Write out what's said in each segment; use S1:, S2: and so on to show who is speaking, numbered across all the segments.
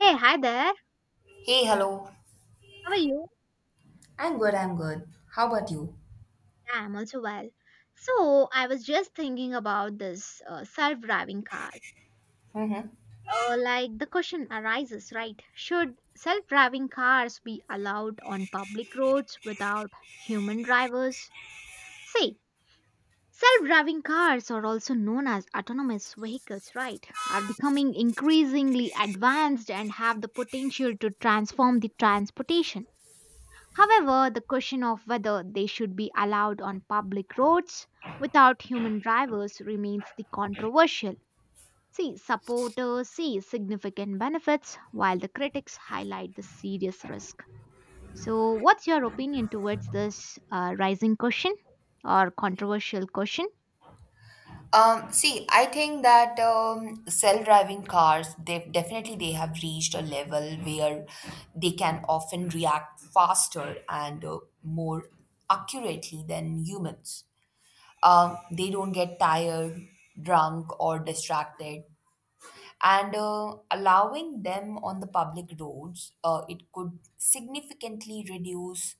S1: Hey, hi there.
S2: Hey, hello.
S1: How are you?
S2: I'm good. How about you?
S1: Yeah, I'm also well. So, I was just thinking about this self-driving cars.
S2: hmm
S1: Like the question arises, right? Should self-driving cars be allowed on public roads without human drivers? See, self-driving cars, are also known as autonomous vehicles, right, are becoming increasingly advanced and have the potential to transform the transportation. However, the question of whether they should be allowed on public roads without human drivers remains the controversial. See, supporters see significant benefits while the critics highlight the serious risk. So, what's your opinion towards this rising question or controversial question?
S2: See, I think that self-driving cars, they definitely they have reached a level where they can often react faster and more accurately than humans. They don't get tired, drunk, or distracted, and allowing them on the public roads, it could significantly reduce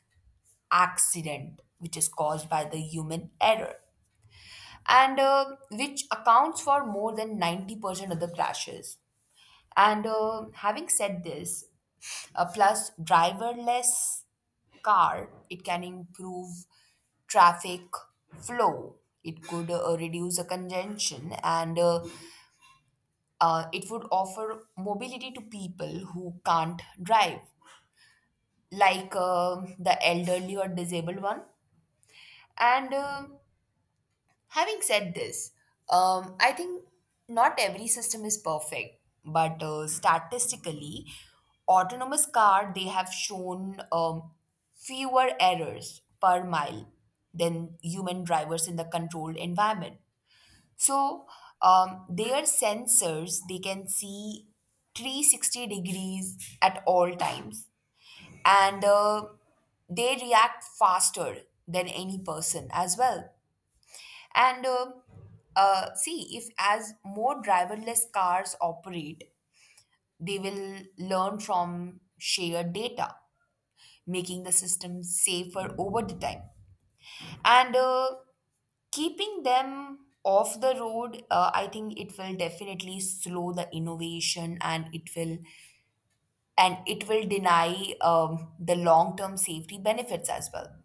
S2: accident which is caused by the human error and which accounts for more than 90% of the crashes, and having said this, plus driverless car, it can improve traffic flow. It could reduce the congestion, and it would offer mobility to people who can't drive, like the elderly or disabled one. And Having said this, I think not every system is perfect, but statistically, autonomous car they have shown fewer errors per mile than human drivers in the controlled environment. So their sensors they can see 360 degrees at all times, and they react faster than any person as well, and see, if as more driverless cars operate, they will learn from shared data, making the system safer over the time. And keeping them off the road, I think it will definitely slow the innovation, and it will deny the long-term safety benefits as well.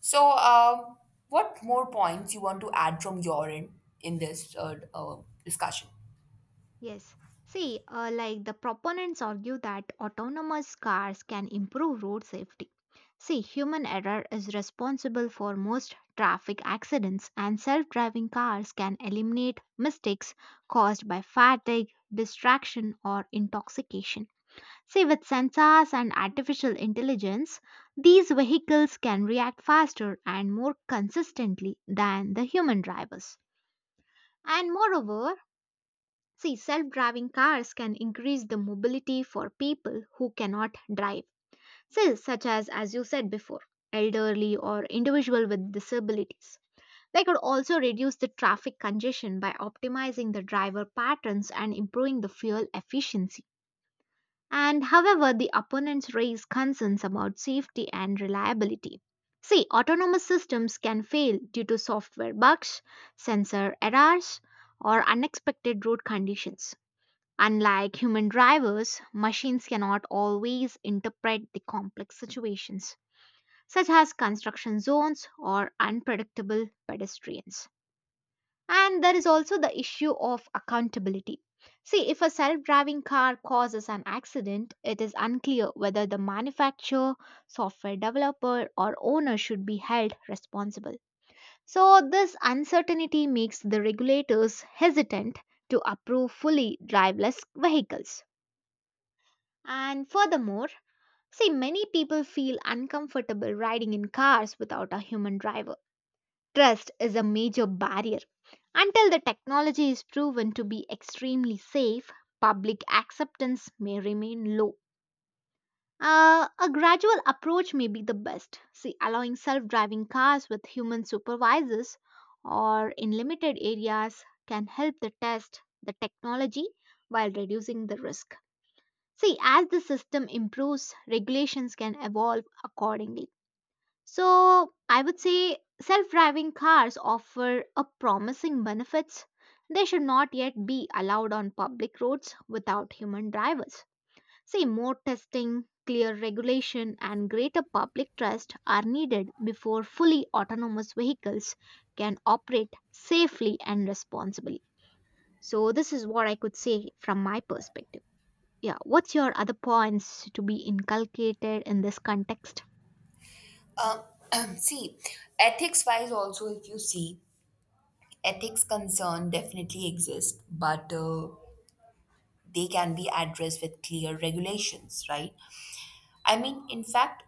S2: So, what more points you want to add from your end in this discussion?
S1: Yes. See, like the proponents argue that autonomous cars can improve road safety. See, human error is responsible for most traffic accidents, and self driving cars can eliminate mistakes caused by fatigue, distraction, or intoxication. See, with sensors and artificial intelligence, these vehicles can react faster and more consistently than the human drivers. And moreover, see, self driving cars can increase the mobility for people who cannot drive, see, such as you said before, elderly or individual with disabilities. They could also reduce the traffic congestion by optimizing the driver patterns and improving the fuel efficiency. And however, the opponents raise concerns about safety and reliability. See, autonomous systems can fail due to software bugs, sensor errors, or unexpected road conditions. Unlike human drivers, machines cannot always interpret the complex situations, such as construction zones or unpredictable pedestrians. And there is also the issue of accountability. See, if a self driving car causes an accident, it is unclear whether the manufacturer, software developer, or owner should be held responsible. So, this uncertainty makes the regulators hesitant to approve fully driveless vehicles. And furthermore, see, many people feel uncomfortable riding in cars without a human driver. Trust is a major barrier. Until the technology is proven to be extremely safe, public acceptance may remain low. A gradual approach may be the best. See, allowing self driving cars with human supervisors or in limited areas can help the test the technology while reducing the risk. See, as the system improves, regulations can evolve accordingly. So, I would say self driving cars offer a promising benefits. They should not yet be allowed on public roads without human drivers. See, more testing, clear regulation, and greater public trust are needed before fully autonomous vehicles can operate safely and responsibly. So, this is what I could say from my perspective. Yeah, what's your other points to be inculcated in this context?
S2: Uh, see, ethics wise, also, if you see, ethics concern definitely exist, but they can be addressed with clear regulations, right? I mean, in fact,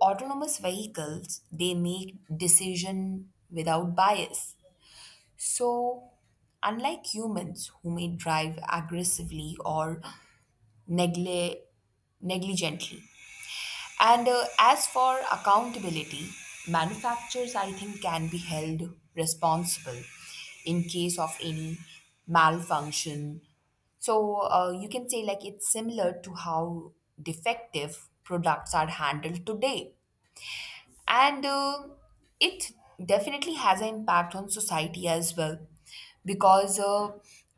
S2: autonomous vehicles they make decision without bias. So, unlike humans who may drive aggressively or negle- negligently. And as for accountability, manufacturers, I think, can be held responsible in case of any malfunction. So you can say, like, it's similar to how defective products are handled today. And it definitely has an impact on society as well, because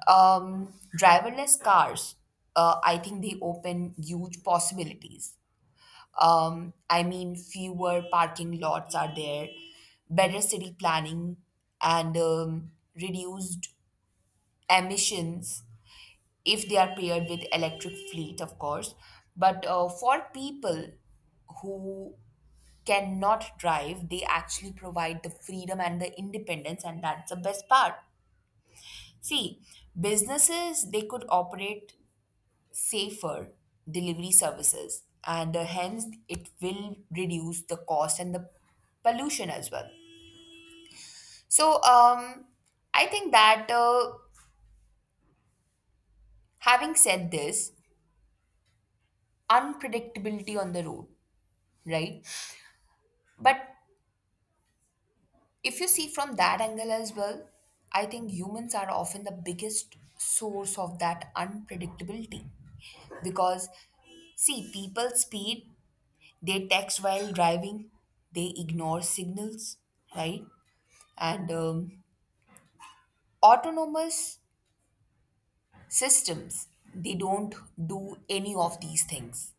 S2: um, driverless cars, I think, they open huge possibilities. Um, I mean, fewer parking lots are there, better city planning, and reduced emissions if they are paired with electric fleet, of course. But for people who cannot drive, they actually provide the freedom and the independence, and that's the best part. See, businesses they could operate safer delivery services, and hence it will reduce the cost and the pollution as well. So I think that having said this, unpredictability on the road, right? But if you see from that angle as well, I think humans are often the biggest source of that unpredictability, because see, people speed, they text while driving, they ignore signals, right? And autonomous systems, they don't do any of these things.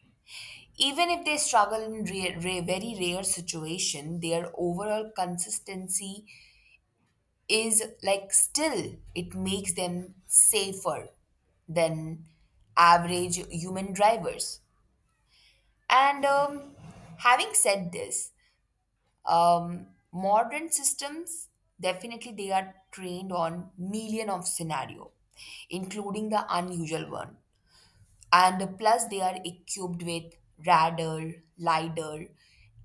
S2: Even if they struggle in rare, rare, very rare situation, their overall consistency is, like, still it makes them safer than average human drivers. And having said this, um, modern systems definitely they are trained on million of scenario, including the unusual one, and plus they are equipped with radar, lidar,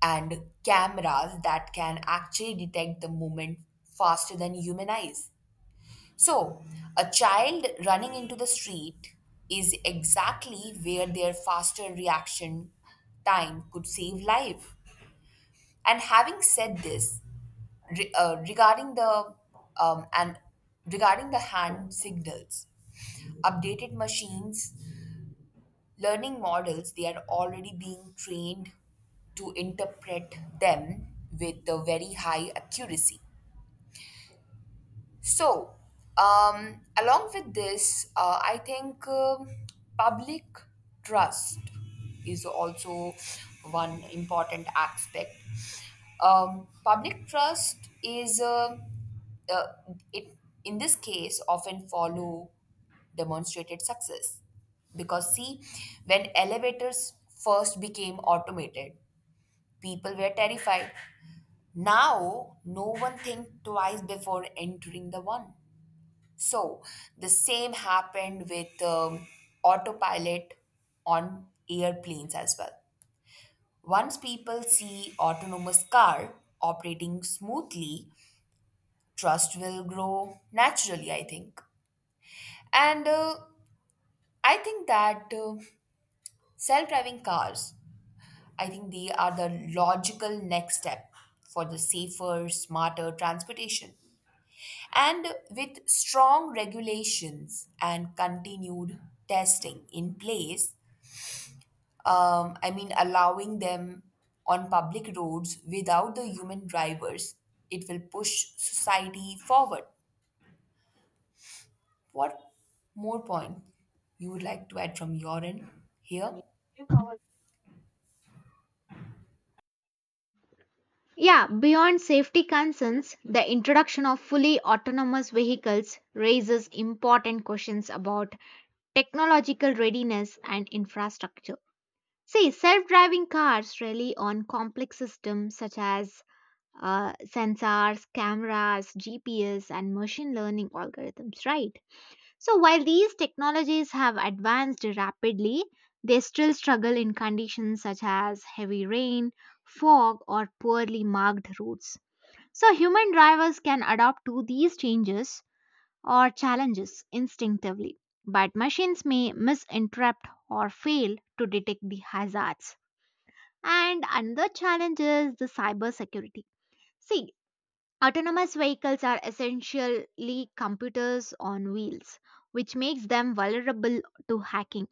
S2: and cameras that can actually detect the movement faster than human eyes. So a child running into the street is exactly where their faster reaction time could save life. And having said this, regarding the and regarding the hand signals, updated machines, learning models, they are already being trained to interpret them with a very high accuracy. So, along with this, I think public trust is also one important aspect. Public trust is uh, it in this case often follow demonstrated success, because see, when elevators first became automated, people were terrified. Now no one think twice before entering the one. So the same happened with autopilot on airplanes as well. Once people see autonomous car operating smoothly, trust will grow naturally, I think. And I think that self-driving cars, I think they are the logical next step for the safer, smarter transportation. And with strong regulations and continued testing in place, I mean, allowing them on public roads without the human drivers, it will push society forward. What more point you would like to add from your end here?
S1: Yeah, beyond safety concerns, the introduction of fully autonomous vehicles raises important questions about technological readiness and infrastructure. See, self driving cars rely on complex systems such as sensors, cameras, GPS, and machine learning algorithms, right? So, while these technologies have advanced rapidly, they still struggle in conditions such as heavy rain, fog, or poorly marked roads. So, human drivers can adapt to these changes or challenges instinctively, but machines may misinterpret or fail to detect the hazards. And another challenge is the cybersecurity. See, autonomous vehicles are essentially computers on wheels, which makes them vulnerable to hacking.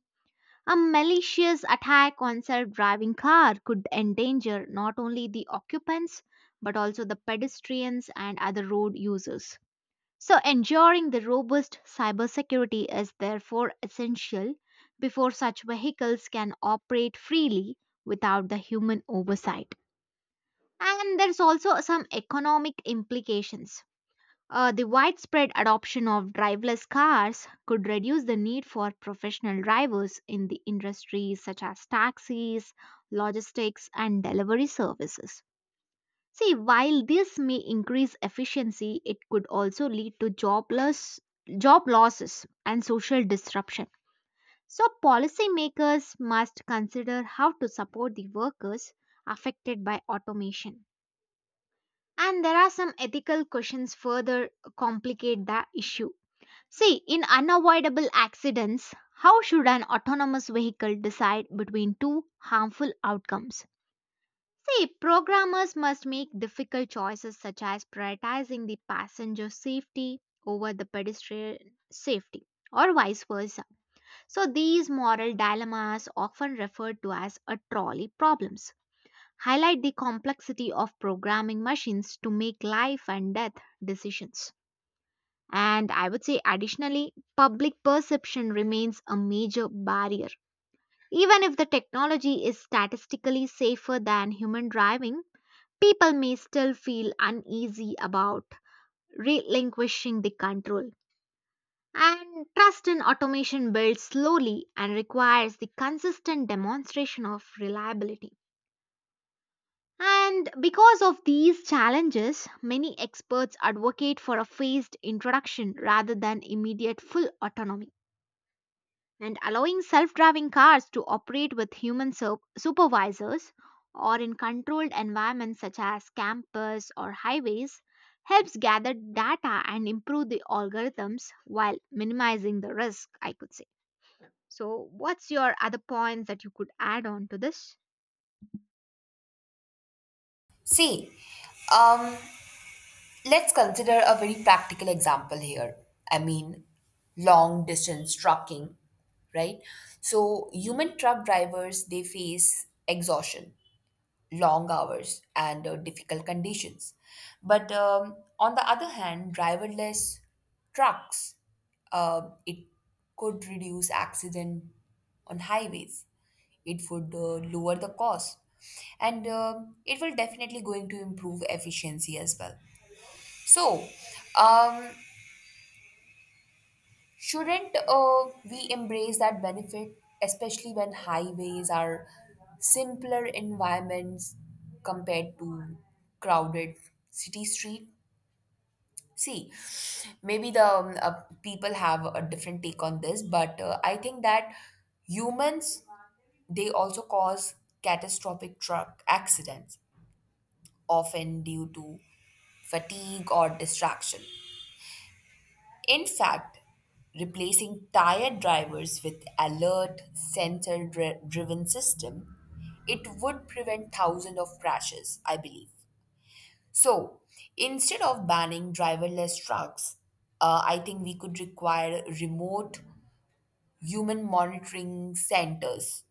S1: A malicious attack on self driving car could endanger not only the occupants but also the pedestrians and other road users. So, ensuring the robust cybersecurity is therefore essential before such vehicles can operate freely without the human oversight. And there's also some economic implications. The widespread adoption of driverless cars could reduce the need for professional drivers in the industries such as taxis, logistics, and delivery services. See, while this may increase efficiency, it could also lead to job losses and social disruption. So, policymakers must consider how to support the workers affected by automation. And there are some ethical questions further complicate the issue. See, in unavoidable accidents, how should an autonomous vehicle decide between two harmful outcomes? See, programmers must make difficult choices such as prioritizing the passenger safety over the pedestrian safety or vice versa. So these moral dilemmas, often referred to as a trolley problems, highlight the complexity of programming machines to make life and death decisions. And I would say, additionally, public perception remains a major barrier. Even if the technology is statistically safer than human driving, people may still feel uneasy about relinquishing the control. And trust in automation builds slowly and requires the consistent demonstration of reliability. And because of these challenges, many experts advocate for a phased introduction rather than immediate full autonomy. And allowing self driving cars to operate with human supervisors or in controlled environments such as campus or highways helps gather data and improve the algorithms while minimizing the risk, I could say. So what's your other points that you could add on to this?
S2: See, um, let's consider a very practical example here. I mean, long distance trucking, right? So, human truck drivers they face exhaustion, long hours, and difficult conditions. But on the other hand, driverless trucks, it could reduce accident on highways. It would lower the cost, and it will definitely going to improve efficiency as well. So, um, shouldn't we embrace that benefit, especially when highways are simpler environments compared to crowded city street? See, maybe the people have a different take on this, but I think that humans they also cause catastrophic truck accidents, often due to fatigue or distraction. In fact, replacing tired drivers with alert sensor driven system, it would prevent thousands of crashes, I believe. So instead of banning driverless trucks, I think we could require remote human monitoring centers,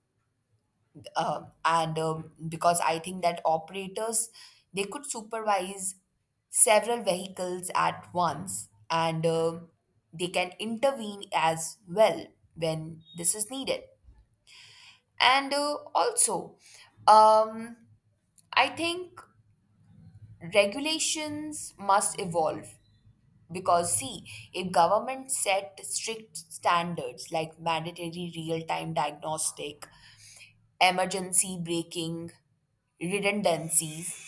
S2: and because I think that operators they could supervise several vehicles at once, and they can intervene as well when this is needed. And also, um, I think regulations must evolve, because see, if government set strict standards like mandatory real-time diagnostic, emergency braking, redundancies,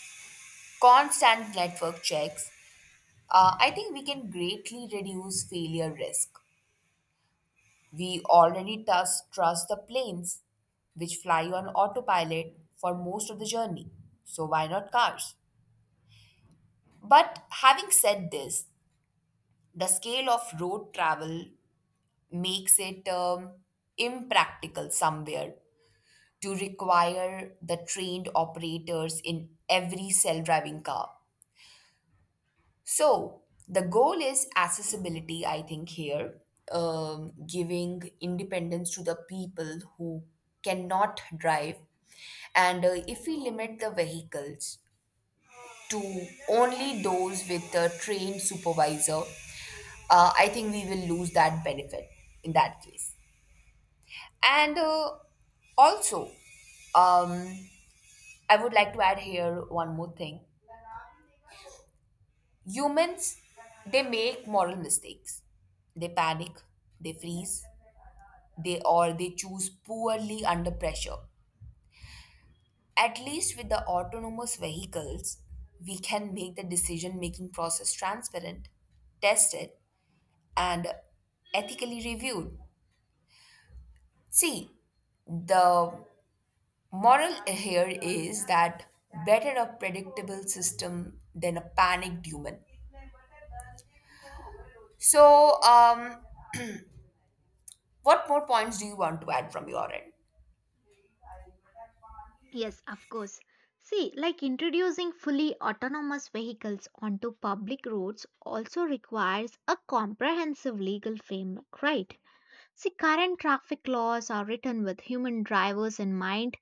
S2: constant network checks, I think we can greatly reduce failure risk. We already trust the planes, which fly on autopilot for most of the journey, so why not cars? But having said this, the scale of road travel makes it impractical somewhere to require the trained operators in every self driving car. So, the goal is accessibility, I think, here, giving independence to the people who cannot drive. And if we limit the vehicles to only those with a trained supervisor, I think we will lose that benefit in that case. And also, um, I would like to add here one more thing. Humans, they make moral mistakes. They panic, they freeze, they or they choose poorly under pressure. At least with the autonomous vehicles, we can make the decision making process transparent, tested, and ethically reviewed. See, the moral here is that better a predictable system than a panicked human. So, what more points do you want to add from your end?
S1: Yes, of course. See, like, introducing fully autonomous vehicles onto public roads also requires a comprehensive legal framework, right? See, current traffic laws are written with human drivers in mind,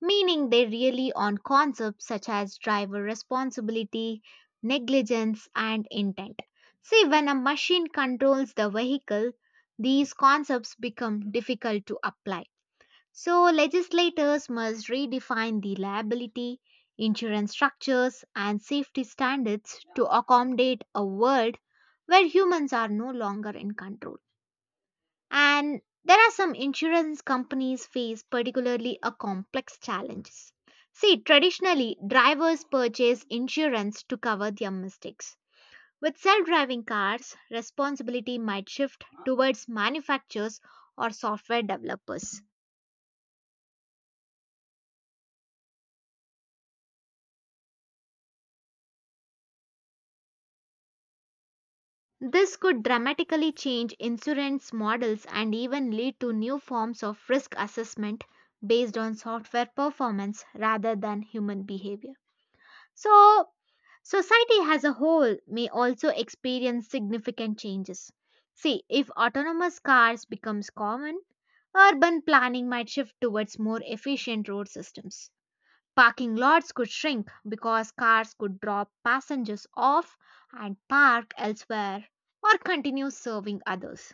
S1: meaning they rely on concepts such as driver responsibility, negligence, and intent. See, when a machine controls the vehicle, these concepts become difficult to apply. So, legislators must redefine the liability, insurance structures, and safety standards to accommodate a world where humans are no longer in control. And there are some insurance companies face particularly a complex challenges. See, traditionally, drivers purchase insurance to cover their mistakes. With self-driving cars, responsibility might shift towards manufacturers or software developers. This could dramatically change insurance models and even lead to new forms of risk assessment based on software performance rather than human behavior. So, society as a whole may also experience significant changes. See, if autonomous cars becomes common, urban planning might shift towards more efficient road systems. Parking lots could shrink because cars could drop passengers off and park elsewhere or continue serving others.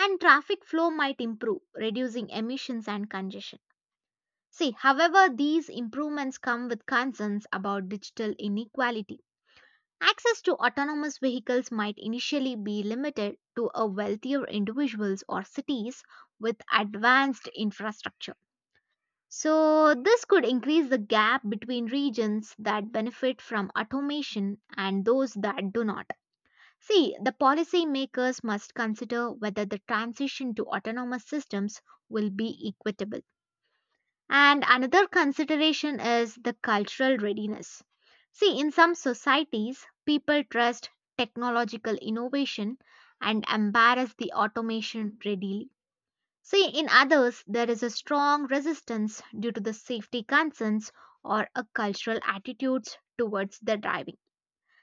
S1: And traffic flow might improve, reducing emissions and congestion. See, however, these improvements come with concerns about digital inequality. Access to autonomous vehicles might initially be limited to a wealthier individuals or cities with advanced infrastructure. So, this could increase the gap between regions that benefit from automation and those that do not. See, the policymakers must consider whether the transition to autonomous systems will be equitable. And another consideration is the cultural readiness. See, in some societies, people trust technological innovation and embrace the automation readily. See, in others, there is a strong resistance due to the safety concerns or a cultural attitudes towards the driving.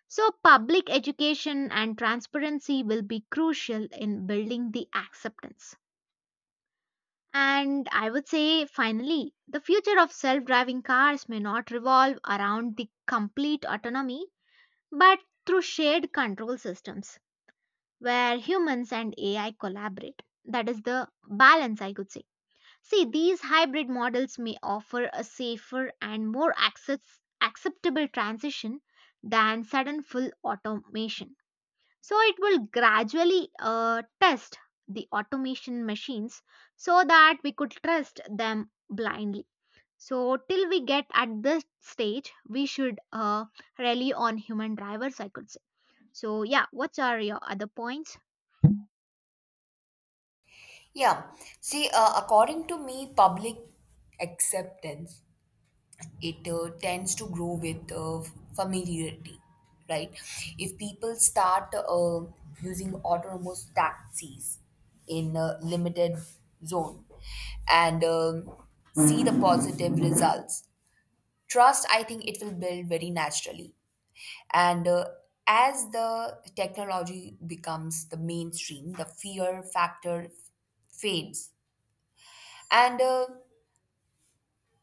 S1: So, public education and transparency will be crucial in building the acceptance. And I would say, finally, the future of self driving cars may not revolve around the complete autonomy, but through shared control systems where humans and AI collaborate. That is the balance, I could say. See, these hybrid models may offer a safer and more acceptable transition than sudden full automation. So it will gradually test the automation machines so that we could trust them blindly. So till we get at this stage, we should rely on human drivers, I could say. So yeah, what are your other points?
S2: Yeah. See, according to me, public acceptance it tends to grow with familiarity, right? If people start using autonomous taxis in a limited zone and see the positive results, trust, I think, it will build very naturally. And as the technology becomes the mainstream, the fear factor fades. And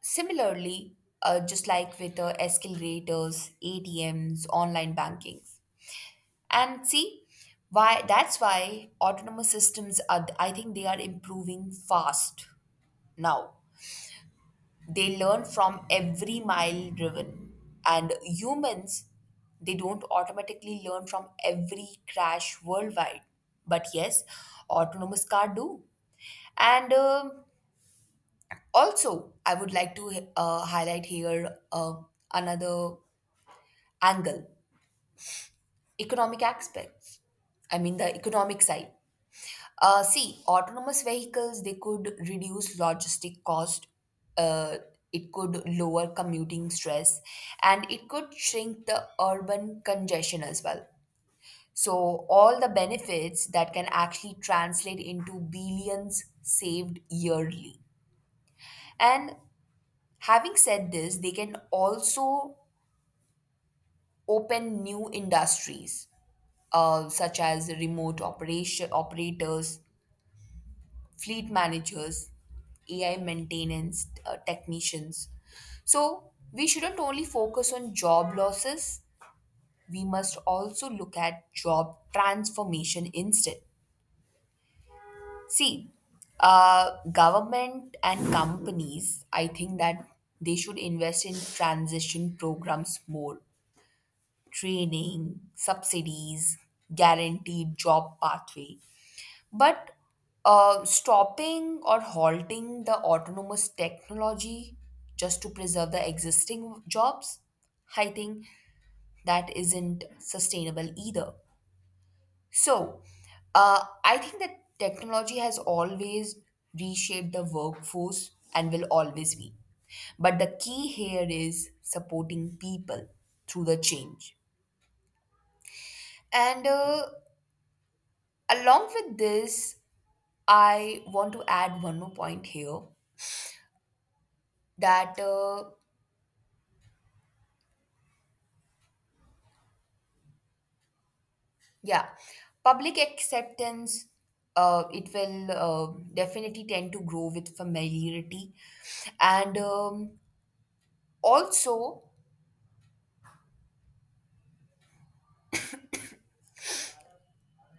S2: similarly, just like with escalators, ATMs, online banking. And see, why that's why autonomous systems are, I think they are improving fast now. They learn from every mile driven. And humans, they don't automatically learn from every crash worldwide. But yes, autonomous car do. And also, I would like to highlight here another angle, economic aspects. I mean, the economic side. See, autonomous vehicles, they could reduce logistic cost, uh, it could lower commuting stress, and it could shrink the urban congestion as well. So, all the benefits that can actually translate into billions saved yearly. And having said this, they can also open new industries, such as remote operation operators, fleet managers, AI maintenance technicians. So we shouldn't only focus on job losses, we must also look at job transformation instead. See, government and companies, I think that they should invest in transition programs more, training, subsidies, guaranteed job pathway. But stopping or halting the autonomous technology just to preserve the existing jobs, I think that isn't sustainable either. So, I think that technology has always reshaped the workforce and will always be. But the key here is supporting people through the change. And along with this, I want to add one more point here that yeah, public acceptance it will definitely tend to grow with familiarity. And also,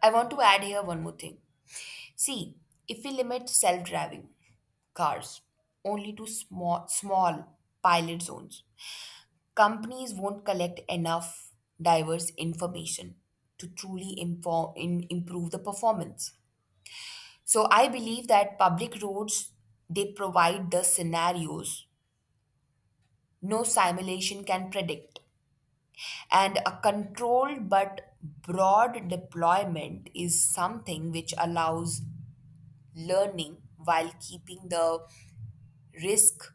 S2: I want to add here one more thing. See, if we limit self-driving cars only to small pilot zones, companies won't collect enough diverse information to truly improve the performance. So I believe that public roads they provide the scenarios no simulation can predict. And a controlled but broad deployment is something which allows learning while keeping the risk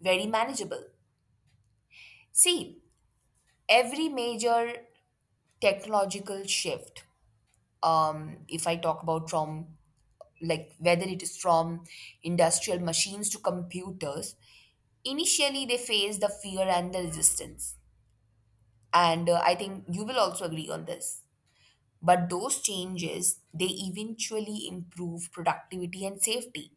S2: very manageable. See, every major technological shift, if I talk about from, like, whether it is from industrial machines to computers, initially, they face the fear and the resistance. And I think you will also agree on this. But those changes, they eventually improve productivity and safety.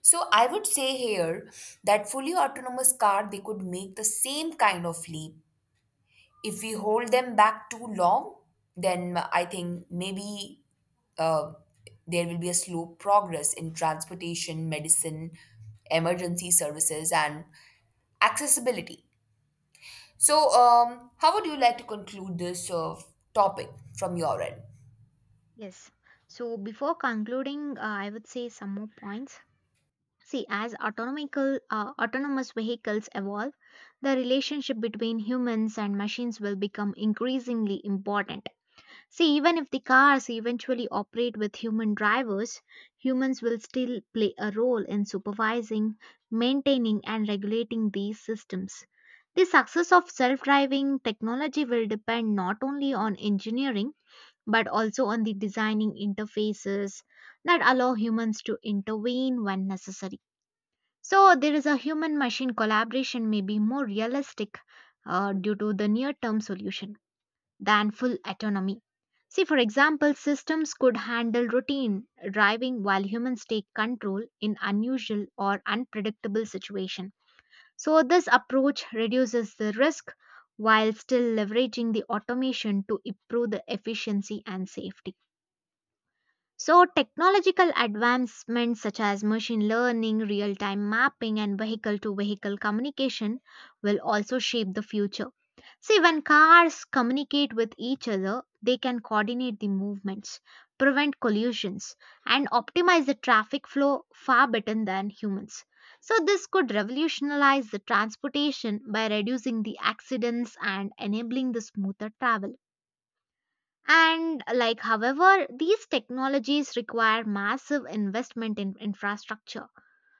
S2: So I would say here that fully autonomous car, they could make the same kind of leap. If we hold them back too long, then I think maybe uh, there will be a slow progress in transportation, medicine, emergency services, and accessibility. So, how would you like to conclude this topic from your end?
S1: Yes. So before concluding, I would say some more points. See, as autonomous vehicles evolve, the relationship between humans and machines will become increasingly important. See, even if the cars eventually operate with human drivers, humans will still play a role in supervising, maintaining, and regulating these systems. The success of self driving technology will depend not only on engineering but also on the designing interfaces that allow humans to intervene when necessary. So, there is a human machine collaboration may be more realistic due to the near term solution than full autonomy. See, for example, systems could handle routine driving while humans take control in unusual or unpredictable situations. So this approach reduces the risk while still leveraging the automation to improve the efficiency and safety. So, technological advancements such as machine learning, real time mapping, and vehicle to vehicle communication will also shape the future. See, when cars communicate with each other, they can coordinate the movements, prevent collisions, and optimize the traffic flow far better than humans. So, this could revolutionize the transportation by reducing the accidents and enabling the smoother travel. And like, however, these technologies require massive investment in infrastructure.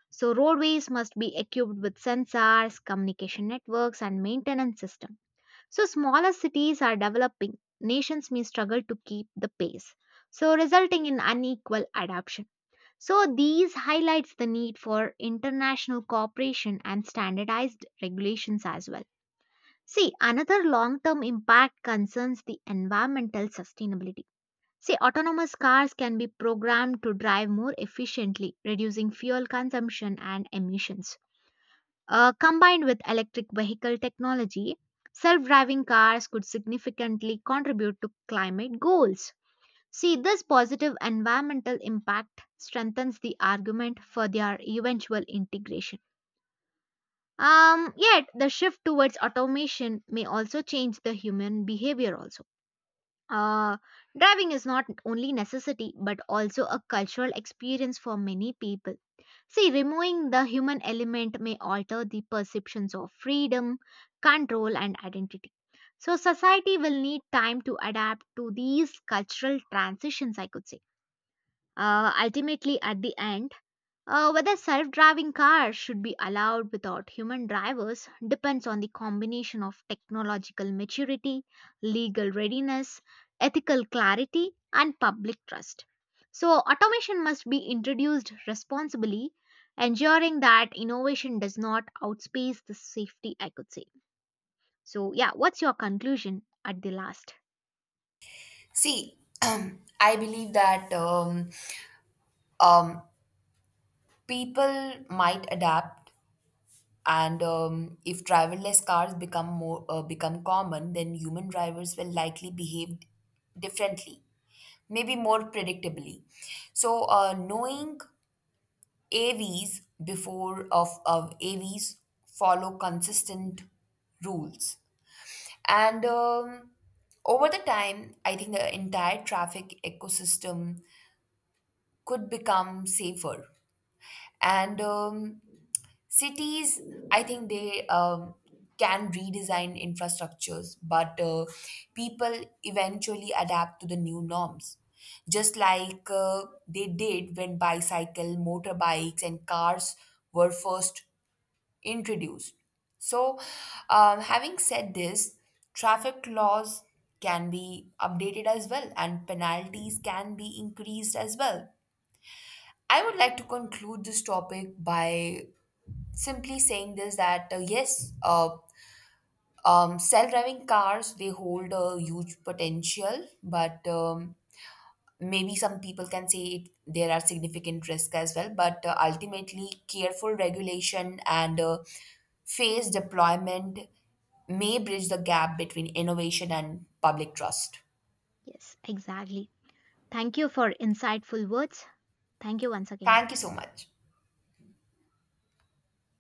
S1: So roadways must be equipped with sensors, communication networks, and maintenance system. So smaller cities are developing. Nations may struggle to keep the pace, so resulting in unequal adoption. So these highlights the need for international cooperation and standardized regulations as well. See, another long-term impact concerns the environmental sustainability. See, autonomous cars can be programmed to drive more efficiently, reducing fuel consumption and emissions. Combined with electric vehicle technology, self driving cars could significantly contribute to climate goals. See, this positive environmental impact strengthens the argument for their eventual integration. Yet, the shift towards automation may also change the human behavior also. Uh, Driving is not only necessity but also a cultural experience for many people. See, removing the human element may alter the perceptions of freedom, control, and identity. So, society will need time to adapt to these cultural transitions, I could say. Ultimately, at the end, whether self driving cars should be allowed without human drivers depends on the combination of technological maturity, legal readiness, ethical clarity, and public trust. So, automation must be introduced responsibly, ensuring that innovation does not outpace the safety, I could say. So, yeah, what's your conclusion at the last?
S2: See, I believe that um, people might adapt, and if driverless cars become more become common, then human drivers will likely behave differently, maybe more predictably. So, knowing AVs before of, of AVs follow consistent rules. And over the time, I think the entire traffic ecosystem could become safer. And cities, I think they can redesign infrastructures, but people eventually adapt to the new norms. Just like they did when bicycle, motorbikes, and cars were first introduced. So, having said this, traffic laws can be updated as well, and penalties can be increased as well. I would like to conclude this topic by simply saying this that yes, self driving cars they hold a huge potential, but maybe some people can say it, there are significant risks as well, but ultimately, careful regulation and phased deployment may bridge the gap between innovation and public trust.
S1: Yes, exactly. Thank you for insightful words. Thank you once again.
S2: Thank you so much.